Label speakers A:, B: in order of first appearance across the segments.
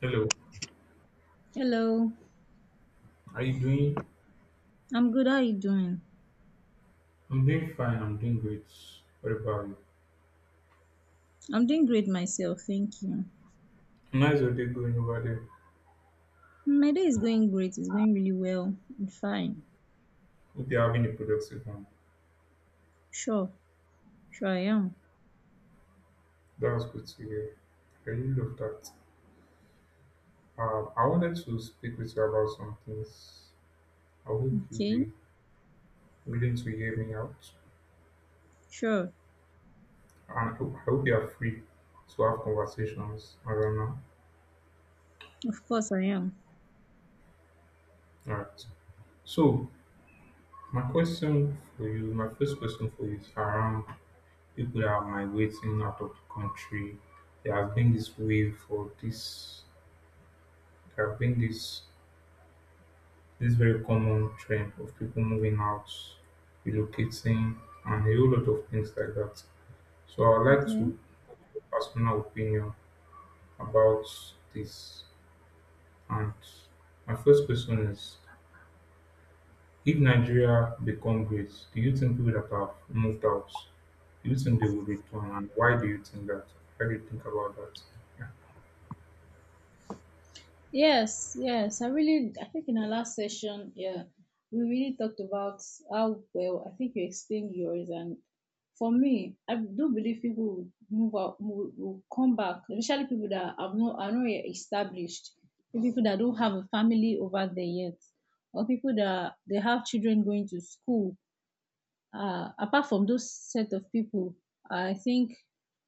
A: Hello,
B: Hello,
A: how you doing?
B: I'm good. How are you doing?
A: I'm doing fine, I'm doing great. What about you?
B: I'm doing great myself, thank you.
A: Nice your day going over there.
B: My day is going great. It's going really well. I'm fine.
A: Hope you're having a productive one.
B: Sure, sure I am.
A: That was good to hear. I really love that. I wanted to speak with you about some things. I hope you'll
B: Okay,
A: be willing to hear me out.
B: sure.
A: And I hope you are free to have conversations I around now.
B: Of course I am.
A: Alright. So my question for you, my first question for you is around people are migrating out of the country. There has been this wave for this. There have been this very common trend of people moving out, relocating, and a whole lot of things like that. So I would like
B: Okay.
A: to get personal opinion about this. And my first question is: if Nigeria become great, do you think people that have moved out, do you think they will return, and why do you think that? How do you think about that? Yeah,
B: Yes, yes. I think in our last session, yeah, we really talked about how well I think you explained yours. And for me, I do believe people will move out, will come back, especially people that have not, are not yet established, the people that don't have a family over there yet, or people that they have children going to school, apart from those set of people, I think,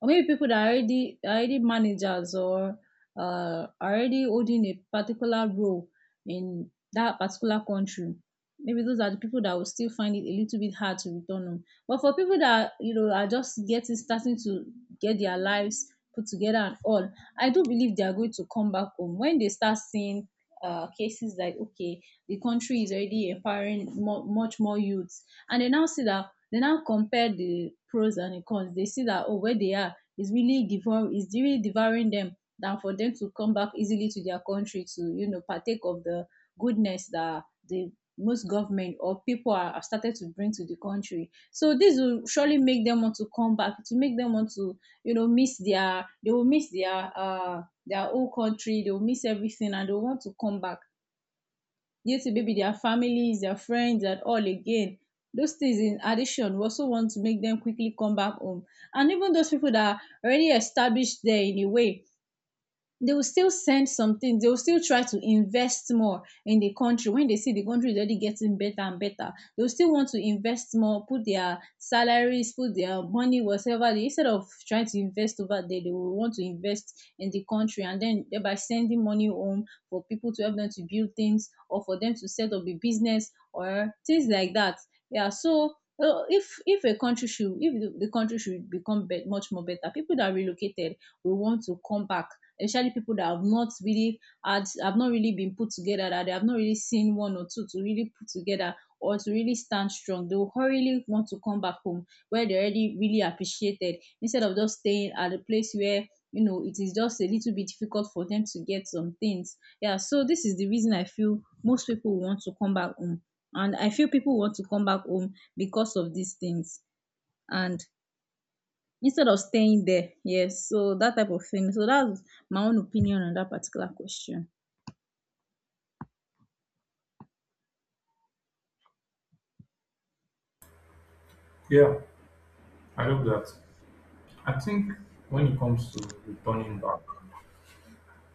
B: or maybe people that are already managers or are already holding a particular role in that particular country. Maybe those are the people that will still find it a little bit hard to return home. But for people that you know are just getting starting to get their lives put together and all, I do believe they are going to come back home when they start seeing cases like, okay, the country is already empowering much more youth, and they now see that they now compare the pros and the cons. They see that, oh, where they are is really devour is really devouring them than for them to come back easily to their country to, you know, partake of the goodness that the most government or people are started to bring to the country. So this will surely make them want to come back, to make them want to, you know, miss their they will miss their whole country, they will miss everything, and they will want to come back due to maybe their families, their friends, and all again. Those things in addition, we also want to make them quickly come back home. And even those people that are already established there in a way, they will still send something. They will still try to invest more in the country when they see the country is already getting better and better. They will still want to invest more, put their salaries, put their money, whatever. Instead of trying to invest over there, they will want to invest in the country and then thereby sending money home for people to help them to build things or for them to set up a business or things like that. Yeah, so if a country should if the, the country should become bet much more better, people that relocated will want to come back, especially people that have not really had have not really been put together, that they have not really seen one or two to really put together or to really stand strong. They will hurriedly want to come back home where they're already really appreciated, instead of just staying at a place where, you know, it is just a little bit difficult for them to get some things. Yeah, so this is the reason I feel most people want to come back home, and I feel people want to come back home because of these things, and instead of staying there. Yes, so that type of thing. So that's my own opinion on that particular question.
A: yeah, I love that. I think when it comes to returning back,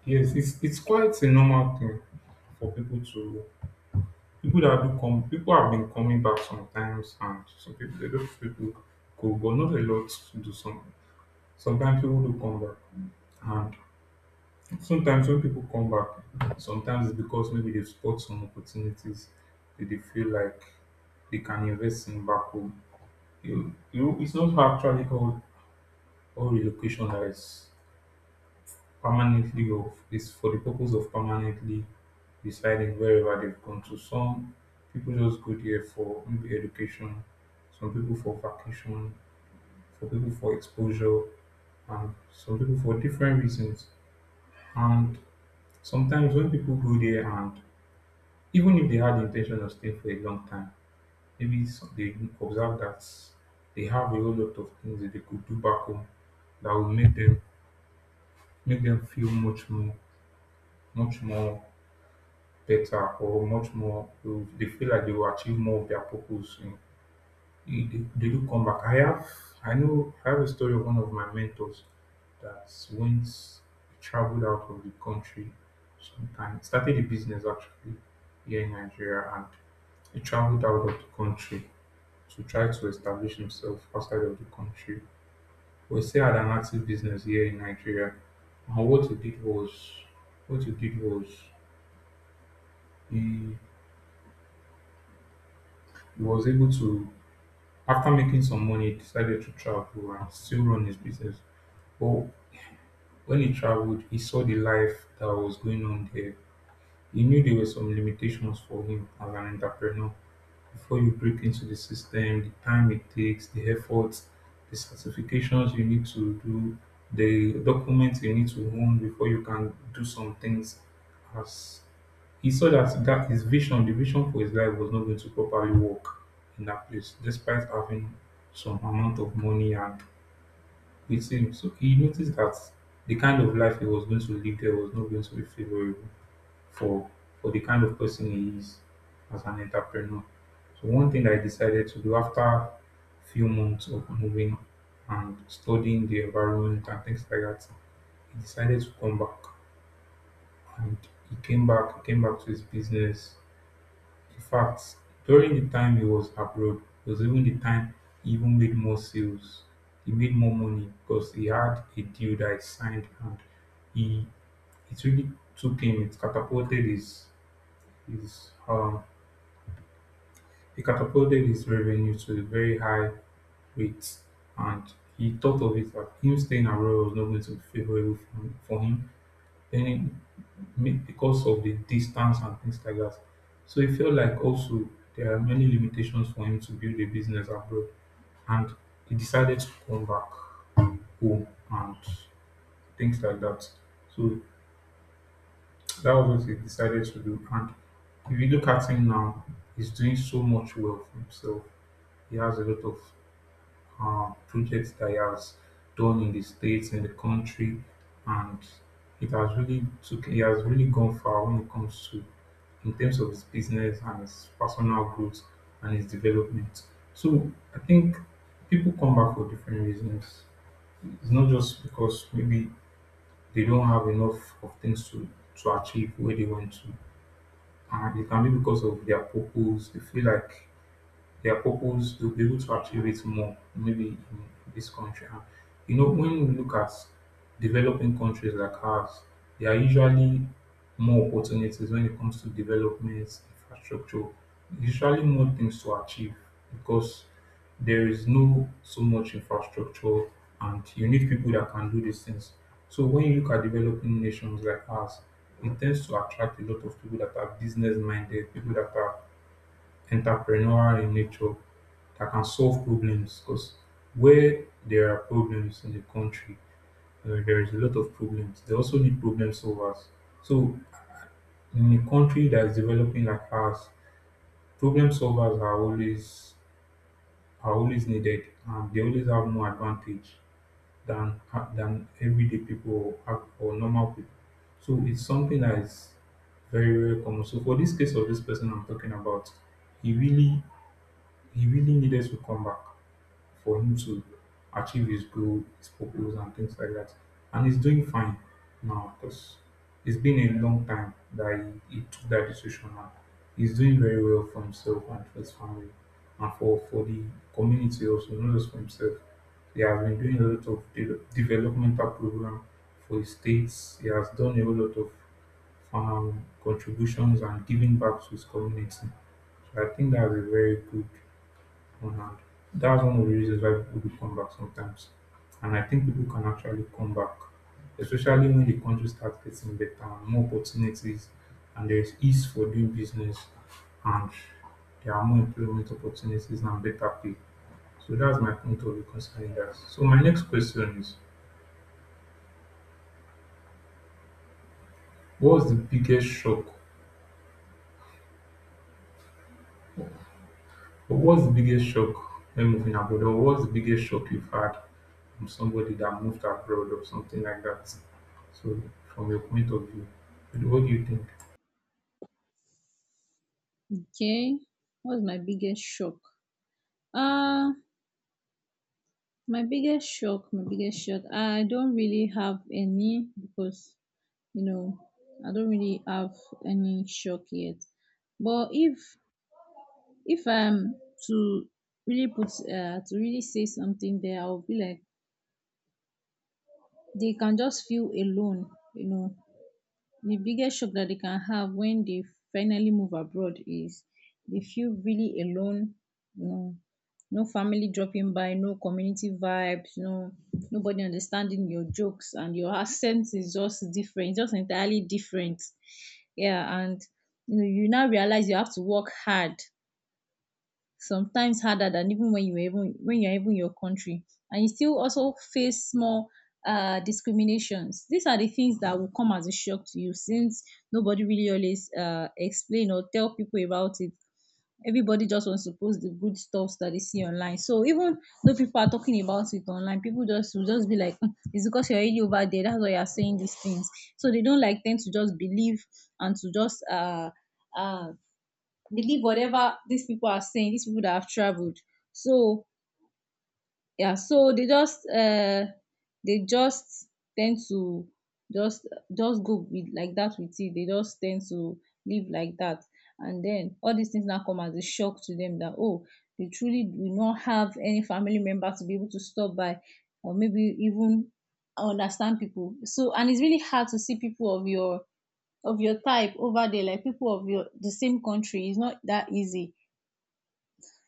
A: yes, it's quite a normal thing for people to people that do come people have been coming back sometimes and some people a lot of people go but not a lot to do some sometimes people do come back and sometimes when people come back sometimes it's because maybe they've spot some opportunities that they feel like they can invest in back home. It's not actually all relocation that is permanently of is for the purpose of permanently residing wherever they've gone to. Some people just go there for maybe education, some people for vacation, for people for exposure, and some people for different reasons. And sometimes when people go there and even if they had the intention of staying for a long time, maybe they observe that they have a whole lot of things that they could do back home that will make them feel much more better or much more they feel like they will achieve more of their purpose you know. They do come back. I have I know I have a story of one of my mentors that went traveled out of the country sometime started a business actually here in Nigeria, and he traveled out of the country to try to establish himself outside of the country. We still had an active business here in Nigeria, and what he did was he, he was able to after making some money, he decided to travel and still run his business. But when he traveled, he saw the life that was going on there. He knew there were some limitations for him as an entrepreneur. Before you break into the system, the time it takes, the effort, the certifications you need to do, the documents you need to own before you can do some things as he saw that his vision, the vision for his life, was not going to properly work in that place, despite having some amount of money and with him. So he noticed that the kind of life he was going to live there was not going to be favorable for for the kind of person he is as an entrepreneur. So one thing I decided to do after few months of moving and studying the environment and things like that, he decided to come back. And he came back to his business. In fact, during the time he was abroad it was even the time he even made more sales. He made more money because he had a deal that he signed and he it really took him, it catapulted his it catapulted his revenue to a very high rate, and he thought of it that him staying abroad was not going to be favorable for him. Then it, because of the distance and things like that. So he felt like also there are many limitations for him to build a business abroad. And he decided to come back home and things like that. So that was what he decided to do. And if you look at him now, he's doing so much well for himself. He has a lot of projects that he has done in the states, in the country, and it has really took. He has really gone far when it comes to in terms of his business and his personal growth and his development. So I think people come back for different reasons. It's not just because maybe they don't have enough of things to achieve where they want to. And it can be because of their purpose. They feel like their purpose, they'll be able to achieve it more, maybe in this country. And, you know, when we look at developing countries like ours, there are usually more opportunities when it comes to development, infrastructure, usually more things to achieve because there is no so much infrastructure and you need people that can do these things. So when you look at developing nations like us, it tends to attract a lot of people that are business minded, people that are entrepreneurial in nature that can solve problems because where there are problems in the country, there is a lot of problems. They also need problem solvers. So in a country that is developing like ours, problem solvers are always needed, and they always have more advantage than than everyday people or normal people. So it's something that is very common. So for this case of this person I'm talking about, he really he really needed to come back for him to achieve his goal, his purpose, and things like that. And he's doing fine now because it's been a long time that he took that decision. And he's doing very well for himself and for his family and for the community also, not just for himself. He has been doing a lot of developmental program for his states. He has done a whole lot of contributions and giving back to his community. So I think that's a very good. Mm-hmm. That was one of the reasons why people do come back sometimes. And I think people can actually come back, especially when the country starts getting better and more opportunities, and there is ease for doing business, and there are more employment opportunities and better pay. So that's my point of view concerning that. So my next question is, what was the biggest shock But what's the biggest shock when moving abroad, or what's the biggest shock you've had from somebody that moved abroad or something like that? So, from your point of view, what do you think?
B: Okay, what's my biggest shock? Uh, my biggest shock, my biggest shock. I don't really have any, because, you know, I don't really have any shock yet. But if I'm to to really say something there, I'll be like they can just feel alone. You know, the biggest shock that they can have when they finally move abroad is they feel really alone, you know, no family dropping by, no community vibes, no nobody understanding your jokes, and your accent is just different, just entirely different. Yeah, and you now realize you have to work hard, sometimes harder than even when you're even in your country, and you still also face more discriminations. These are the things that will come as a shock to you, since nobody really always explain or tell people about it. Everybody just wants to post the good stuff that they see online. So even though people are talking about it online, people just will just be like, "Mm, it's because you're already over there. That's why you're saying these things." So they don't like them to just and to just uh, uh, believe whatever these people are saying, these people that have traveled. So yeah, so they just tend to just just go with like that with it. They just tend to live like that. And then all these things now come as a shock to them that, oh, they truly do not have any family member to be able to stop by, or maybe even understand people. So, and it's really hard to see people of your type over there, like people of your the same country. It's not that easy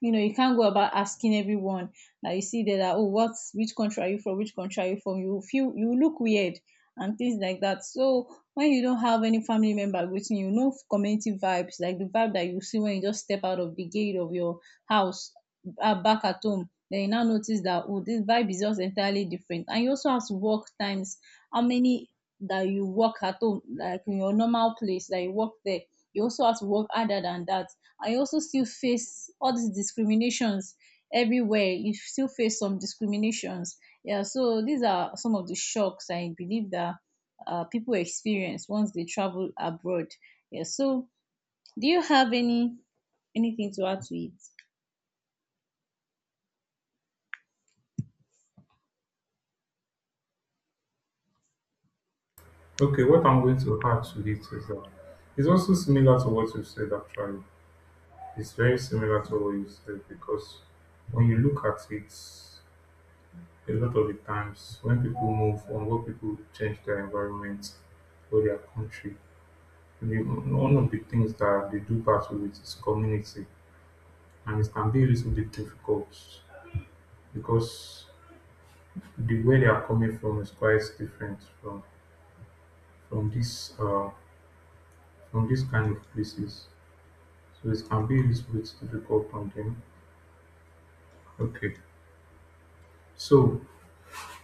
B: you know, You can't go about asking everyone that you see there that, oh, which country are you from? Which country are you from? You look weird and things like that. So when you don't have any family member with you, community vibes, like the vibe that you see when you just step out of the gate of your house, back at home. Then you now notice that, oh, this vibe is just entirely different. And you also have to work times. How many that you work at home, like in your normal place that you work there. You also have to work harder than that. I also still face all these discriminations everywhere. You still face some discriminations. Yeah, so these are some of the shocks I believe that people experience once they travel abroad. Yeah, so do you have anything to add to it?
A: Okay, what I'm going to add to it is that it's also similar to what you said actually. It's very similar to what you said because when you look at it, a lot of the times when people move or when people change their environment or their country, the, one of the things that they do battle with is community and it can be a little bit difficult because the way they are coming from is quite different from this uh from this kind of places. So it can be a little bit difficult on them. Okay. So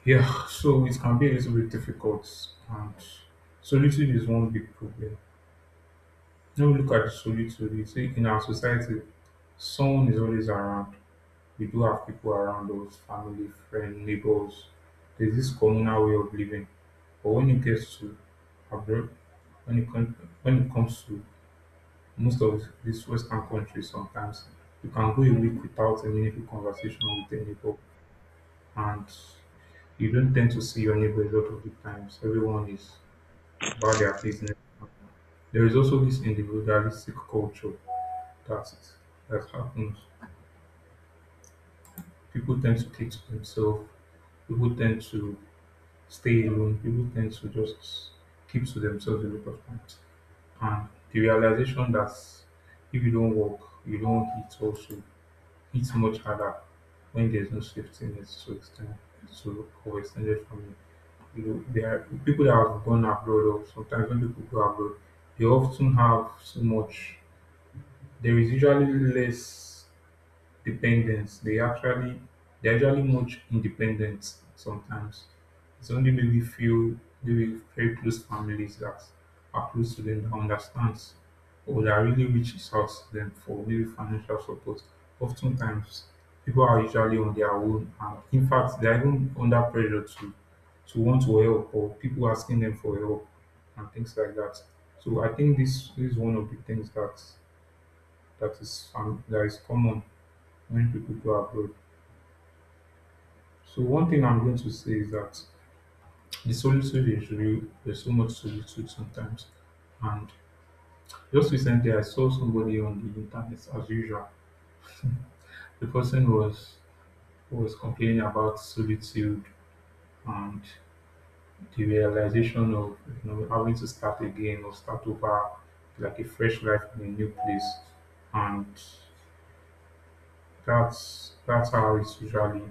A: yeah, so it can be a little bit difficult and solitude is one big problem. Now we look at solitude, you see in our society someone is always around. We do have people around us, family, friend, neighbors. There's this communal way of living. But when it gets to abroad, when it, com- when it comes to most of these Western countries, sometimes you can go a week without a meaningful conversation with a neighbor, and you don't tend to see your neighbor a lot of the times. Everyone is about their business. There is also this individualistic culture that that happens. People tend to keep to themselves. People tend to stay alone, people tend to just keep to themselves a lot of times. And the realization that if you don't work, you don't hit also hits much harder when there's no safety net to extend to or extended family. You know, there are people that have gone abroad or sometimes when people go abroad, they often have so much there is usually less dependence. They actually they're actually much independent sometimes. It's only maybe few, maybe very close families that are close to them that understands or that really reaches out to them for maybe financial support. Oftentimes people are usually on their own and in fact they're even under pressure to want to help or people asking them for help and things like that. So I think this, is one of the things that that is common when people go abroad. So one thing I'm going to say is that the solitude is real. There's so much solitude sometimes. And just recently, I saw somebody on the internet as usual. The person was complaining about solitude and the realization of having to start again or start over like a fresh life in a new place. And that's how it's usually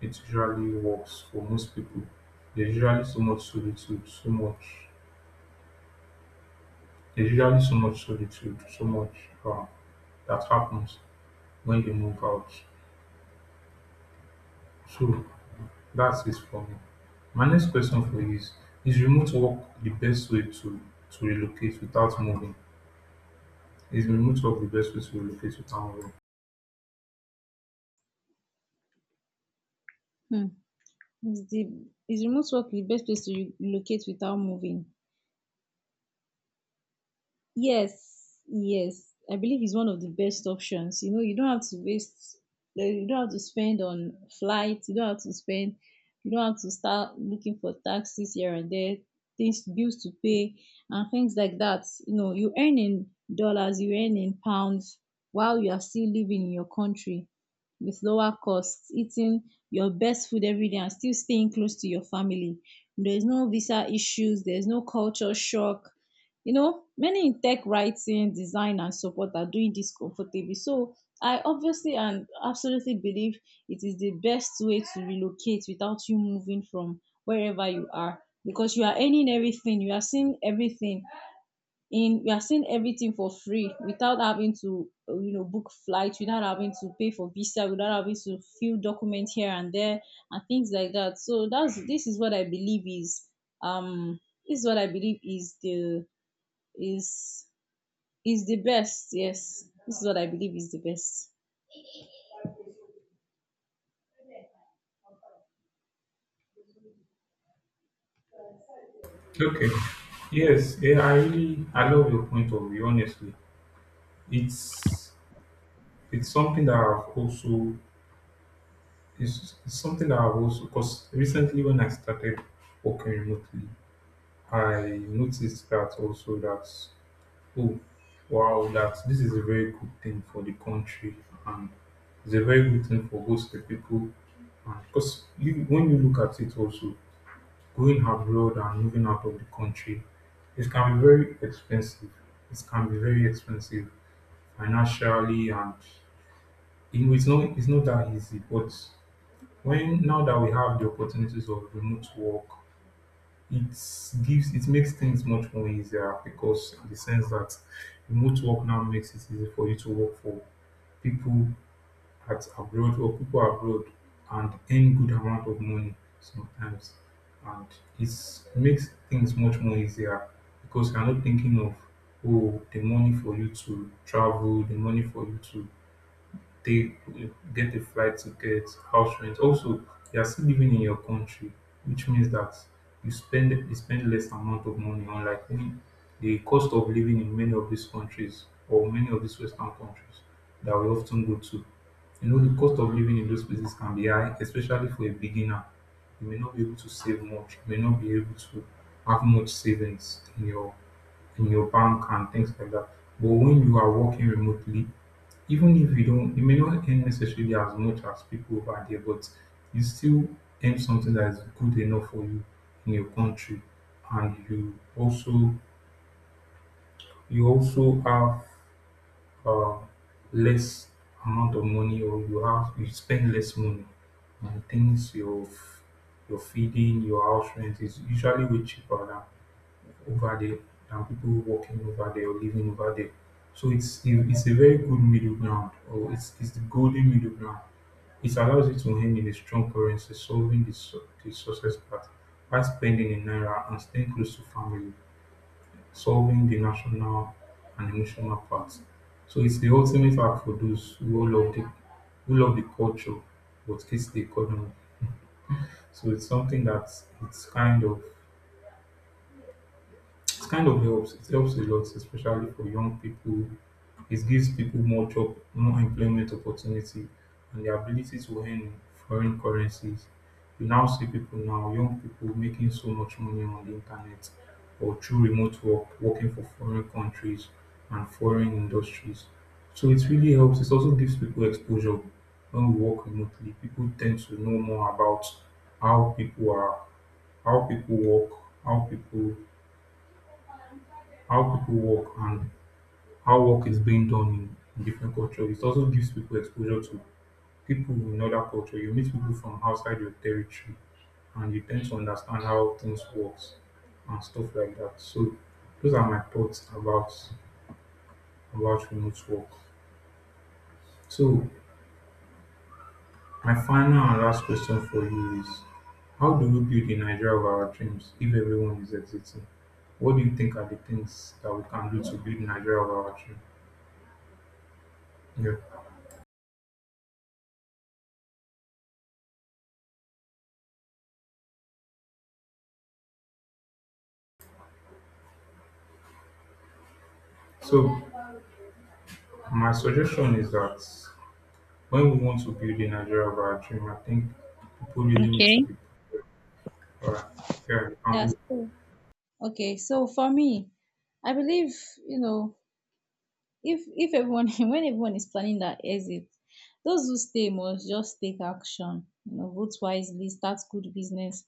A: it usually works for most people. There's usually so much solitude, so much. There's usually so much solitude, so much um, that happens when you move out. So that's it for me. My next question for you is remote work the best way to relocate without moving? Is remote work the best way to relocate without moving?
B: Hmm. Is the is remote work the best place to relocate without moving? Yes, yes. I believe it's one of the best options. You know, you don't have to waste, you don't have to spend on flights, you don't have to spend, you don't have to start looking for taxes here and there, things, bills to pay, and things like that. You know, you earn in dollars, you earn in pounds while you are still living in your country with lower costs, eating your best food every day, and still staying close to your family. There's no visa issues, there's no culture shock. Many in tech, writing, design, and support are doing this comfortably. So I obviously and absolutely believe it is the best way to relocate without you moving from wherever you are, because you are earning everything, you are seeing everything in you are seeing everything for free without having to book flights, without having to pay for visa, without having to fill documents here and there and things like that. So that's this is what I believe is um this is what I believe is is the best. Yes, this is what I believe is the best.
A: Okay. Yes, yeah, I love your point of view. Honestly, it's it's something that I've also. It's something that I've also, because recently when I started working remotely, I noticed that also that, oh, wow, that this is a very good thing for the country and it's a very good thing for both the people. And because you, when you look at it also, going abroad and moving out of the country, it can be very expensive. It can be very expensive financially and it's not that easy, but when now that we have the opportunities of remote work, it gives it makes things much more easier because in the sense that remote work now makes it easy for you to work for people at abroad or people abroad and earn good amount of money sometimes. And it makes things much more easier because you're not thinking of oh the money for you to travel, the money for you to they get a flight ticket, house rent. Also, you are still living in your country, which means that you spend less amount of money. Unlike when the cost of living in many of these countries or many of these Western countries that we often go to, the cost of living in those places can be high, especially for a beginner. You may not be able to save much. You may not be able to have much savings in your bank and things like that. But when you are working remotely, even if you don't, you may not earn necessarily as much as people over there, but you still earn something that is good enough for you in your country, and you also have uh, less amount of money, or you spend less money on things your feeding, your house rent is usually way cheaper over there than people working over there or living over there. So it's a very good middle ground, or it's the golden middle ground. It allows you to earn in a strong currency, solving the success part, while spending in naira and staying close to family, solving the national and emotional part. So it's the ultimate app for those who love the culture but hates the economy. So it's something that it's kind of. It kind of helps. It helps a lot, especially for young people. It gives people more job, more employment opportunity, and the ability to earn in foreign currencies. You now see people now, young people making so much money on the internet or through remote work, working for foreign countries and foreign industries. So it really helps. It also gives people exposure when we work remotely. People tend to know more about how people are, how people work, how people how people work and how work is being done in different cultures. It also gives people exposure to people in other culture. You meet people from outside your territory and you tend to understand how things works and stuff like that. So those are my thoughts about remote work. So my final and last question for you is how do we build the Nigeria of our dreams if everyone is exiting? What do you think are the things that we can do to build Nigeria of our dreams? Yeah. So my suggestion is that when we want to build the Nigeria of our dream, I think people really need to
B: Okay.
A: be alright. Yeah, we
B: Yeah.
A: can do-.
B: So, okay. So for me, I believe you know if everyone when everyone is planning their exit, those who stay must just take action, vote wisely, start good business,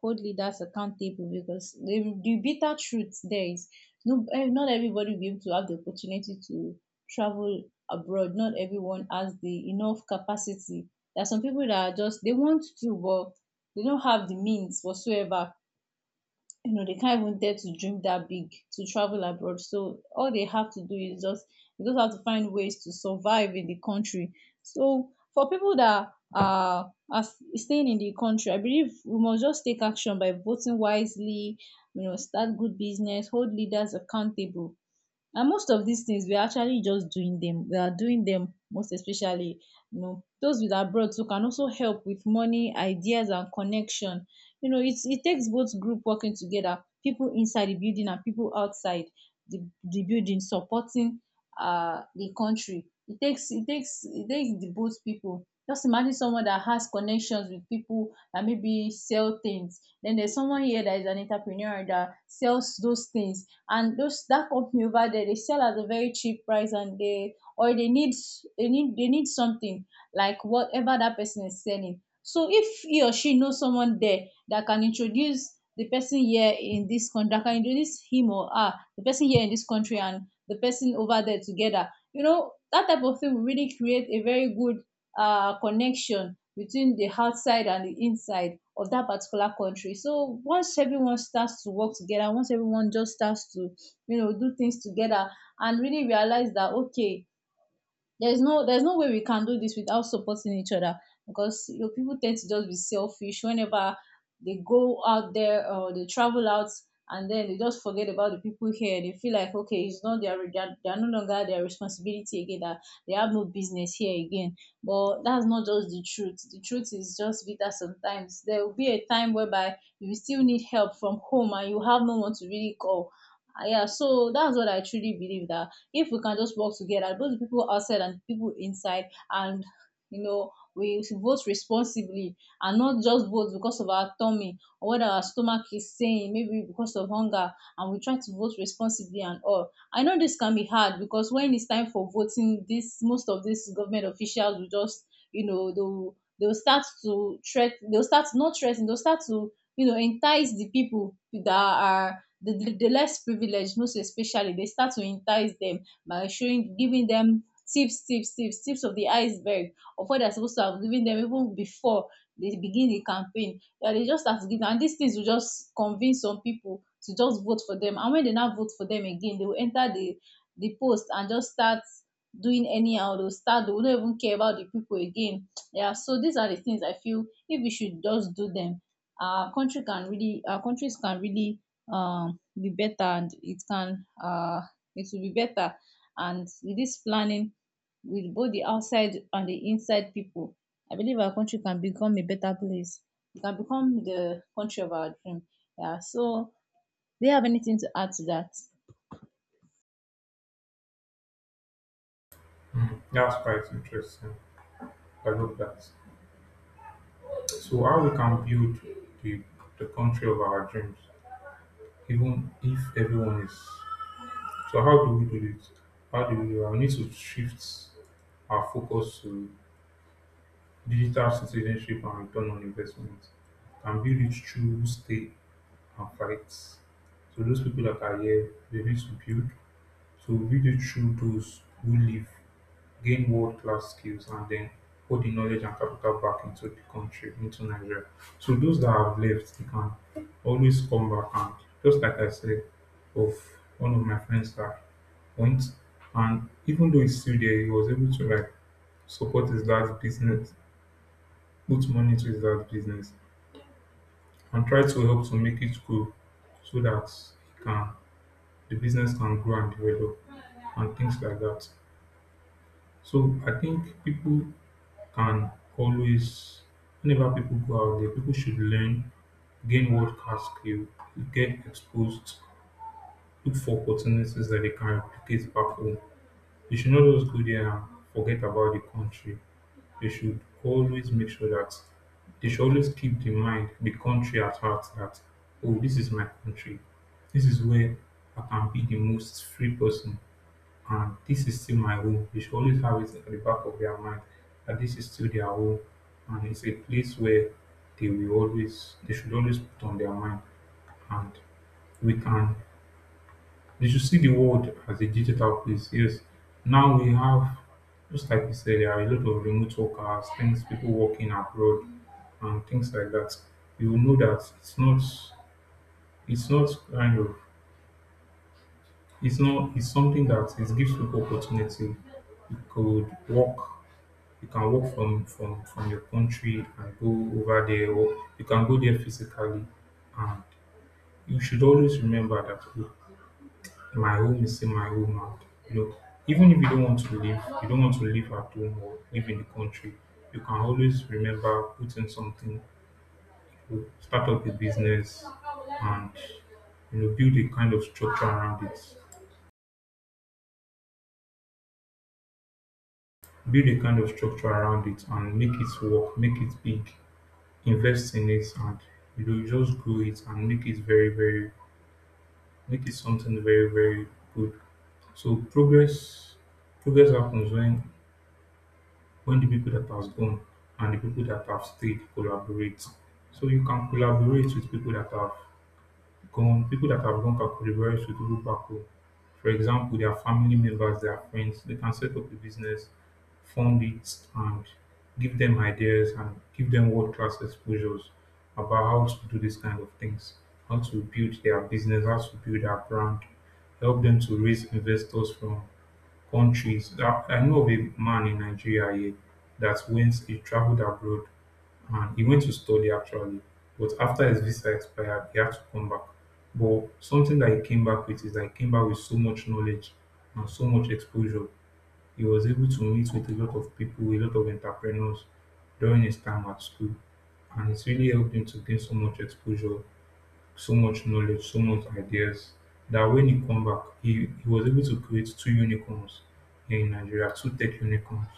B: hold leaders accountable, because the bitter truth there is no, not everybody will be able to have the opportunity to travel abroad. Not everyone has the enough capacity. There are some people that are just they want to, but they don't have the means whatsoever. They can't even dare to dream that big to travel abroad. So all they have to do is just they just have to find ways to survive in the country. So for people that are, staying in the country, I believe we must just take action by voting wisely, start good business, hold leaders accountable, and most of these things we are actually just doing them we are doing them, most especially. Those with abroad too can also help with money, ideas, and connection. It takes both group working together, people inside the building and people outside the building supporting the country. It takes the both people. Just imagine someone that has connections with people that maybe sell things, then there's someone here that is an entrepreneur that sells those things, and those that company over there, they sell at a very cheap price and they or they need something like whatever that person is selling. So if he or she knows someone there that can introduce the person here in this country, that can introduce him or her, the person here in this country and the person over there together, that type of thing will really create a very good connection between the outside and the inside of that particular country. So once everyone starts to work together, once everyone just starts to, do things together, and really realize that, okay, there's no way we can do this without supporting each other, because people tend to just be selfish whenever they go out there or they travel out, and then they just forget about the people here. They feel like, okay, it's not their they're no longer their responsibility again. That they have no business here again. But that's not just the truth. The truth is just bitter sometimes. There will be a time whereby you still need help from home and you have no one to really call. Yeah, so that's what I truly believe, that if we can just work together, both the people outside and the people inside, and we vote responsibly and not just vote because of our tummy or what our stomach is saying, maybe because of hunger, and we try to vote responsibly and all. I know this can be hard because, when it's time for voting, this most of these government officials will just, they'll start to threat, they'll start not threaten, they'll start to, entice the people that are the less privileged, most especially. They start to entice them by showing, giving them tips of the iceberg of what they're supposed to have given them even before they begin the campaign. Yeah, they just have to give them, and these things will just convince some people to just vote for them. And when they now vote for them again, they will enter the post and just start doing anyhow. They will not even care about the people again. Yeah, so these are the things I feel if we should just do them, our countries can really be better, and it will be better. And with this planning, with both the outside and the inside people, I believe our country can become a better place. It can become the country of our dream. Yeah. So, do you have anything to add to that?
A: Mhm. That's quite interesting. I love that. So how we can build the the country of our dreams, even if everyone is. So how do we do it? How do we do it? We need to shift our focus to digital citizenship and return on investment, and build it through stay and fights. So those people that are here, they need to build. So we it through those who live, gain world class skills, and then put the knowledge and capital back into the country, into Nigeria. So those that have left, they can always come back and just like I said, of one of my friends that went, and even though he's still there, he was able to like support his dad's business, put money to his dad's business, and try to help to make it grow so that he can the business can grow and develop and things like that. So I think people can always, whenever people go out there, people should learn, gain world class skill, get exposed, look for opportunities that they can replicate back home. They should not just go there and forget about the country. They should always make sure that they should always keep the mind, the country at heart that, oh, this is my country. This is where I can be the most free person and this is still my home. They should always have it at the back of their mind that this is still their home and it's a place where they should always put on their mind and we can they should see the world as a digital place. Yes. Now we have just like you said, there are a lot of remote workers, things people working abroad and things like that. You will know that it's not kind of it's not it's something that it gives people opportunity you could work you can work from your country and go over there or you can go there physically and you should always remember that, "Oh, my home is still my home and you know even if you don't want to live at home or live in the country you can always remember putting something to start up a business and you know build a kind of structure around it and make it work make it big invest in it and you know just grow it and make it very very make it something very very good so progress happens when the people that has gone and the people that have stayed collaborate so you can collaborate with people that have common, people that have gone back to the very suitable people. For example, their family members, their friends, they can set up a business, fund it, and give them ideas and give them world class exposures about how to do these kind of things, how to build their business, how to build their brand, help them to raise investors from countries. I know of a man in Nigeria here that once he traveled abroad and he went to study actually. But after his visa expired, he had to come back. But something that he came back with is that he came back with so much knowledge and so much exposure. He was able to meet with a lot of people, a lot of entrepreneurs during his time at school, and it's really helped him to gain so much exposure so much knowledge, so much ideas that when he come back, he was able to create two unicorns here in Nigeria, two tech unicorns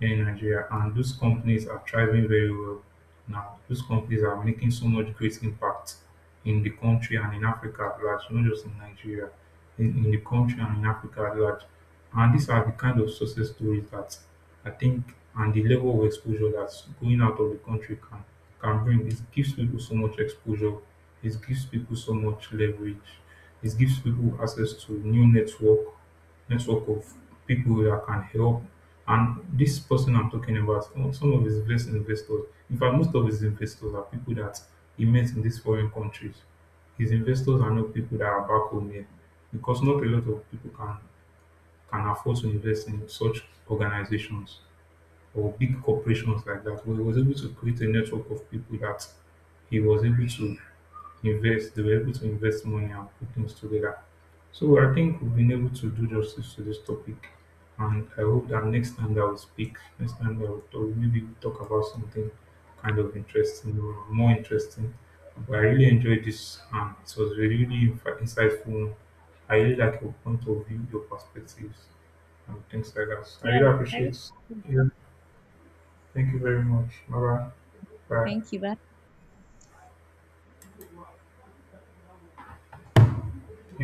A: here in Nigeria, and those companies are thriving very well now. Those companies are making so much great impact in the country and in Africa at large, not just in Nigeria, in the country and in Africa at large. And these are the kind of success stories that I think and the level of exposure that going out of the country can bring. It gives people so much exposure. It gives people so much leverage. It gives people access to new network, network of people that can help. And this person I'm talking about, some of his best investors, in fact, most of his investors are people that he met in these foreign countries. His investors are not people that are back home here because not a lot of people can afford to invest in such organizations or big corporations like that. But he was able to create a network of people that he was able to invest, they were able to invest money and put things together. So I think we've been able to do justice to this topic. And I hope that next time that we speak, next time that we talk, maybe we talk about something kind of interesting or more interesting. But I really enjoyed this and it was really, really insightful. I really like your point of view, your perspectives and things like that. I
B: Yeah.
A: really
B: I
A: appreciate. Yeah, thank you very much. Bye bye.
B: Thank you. Bye.
A: Bye.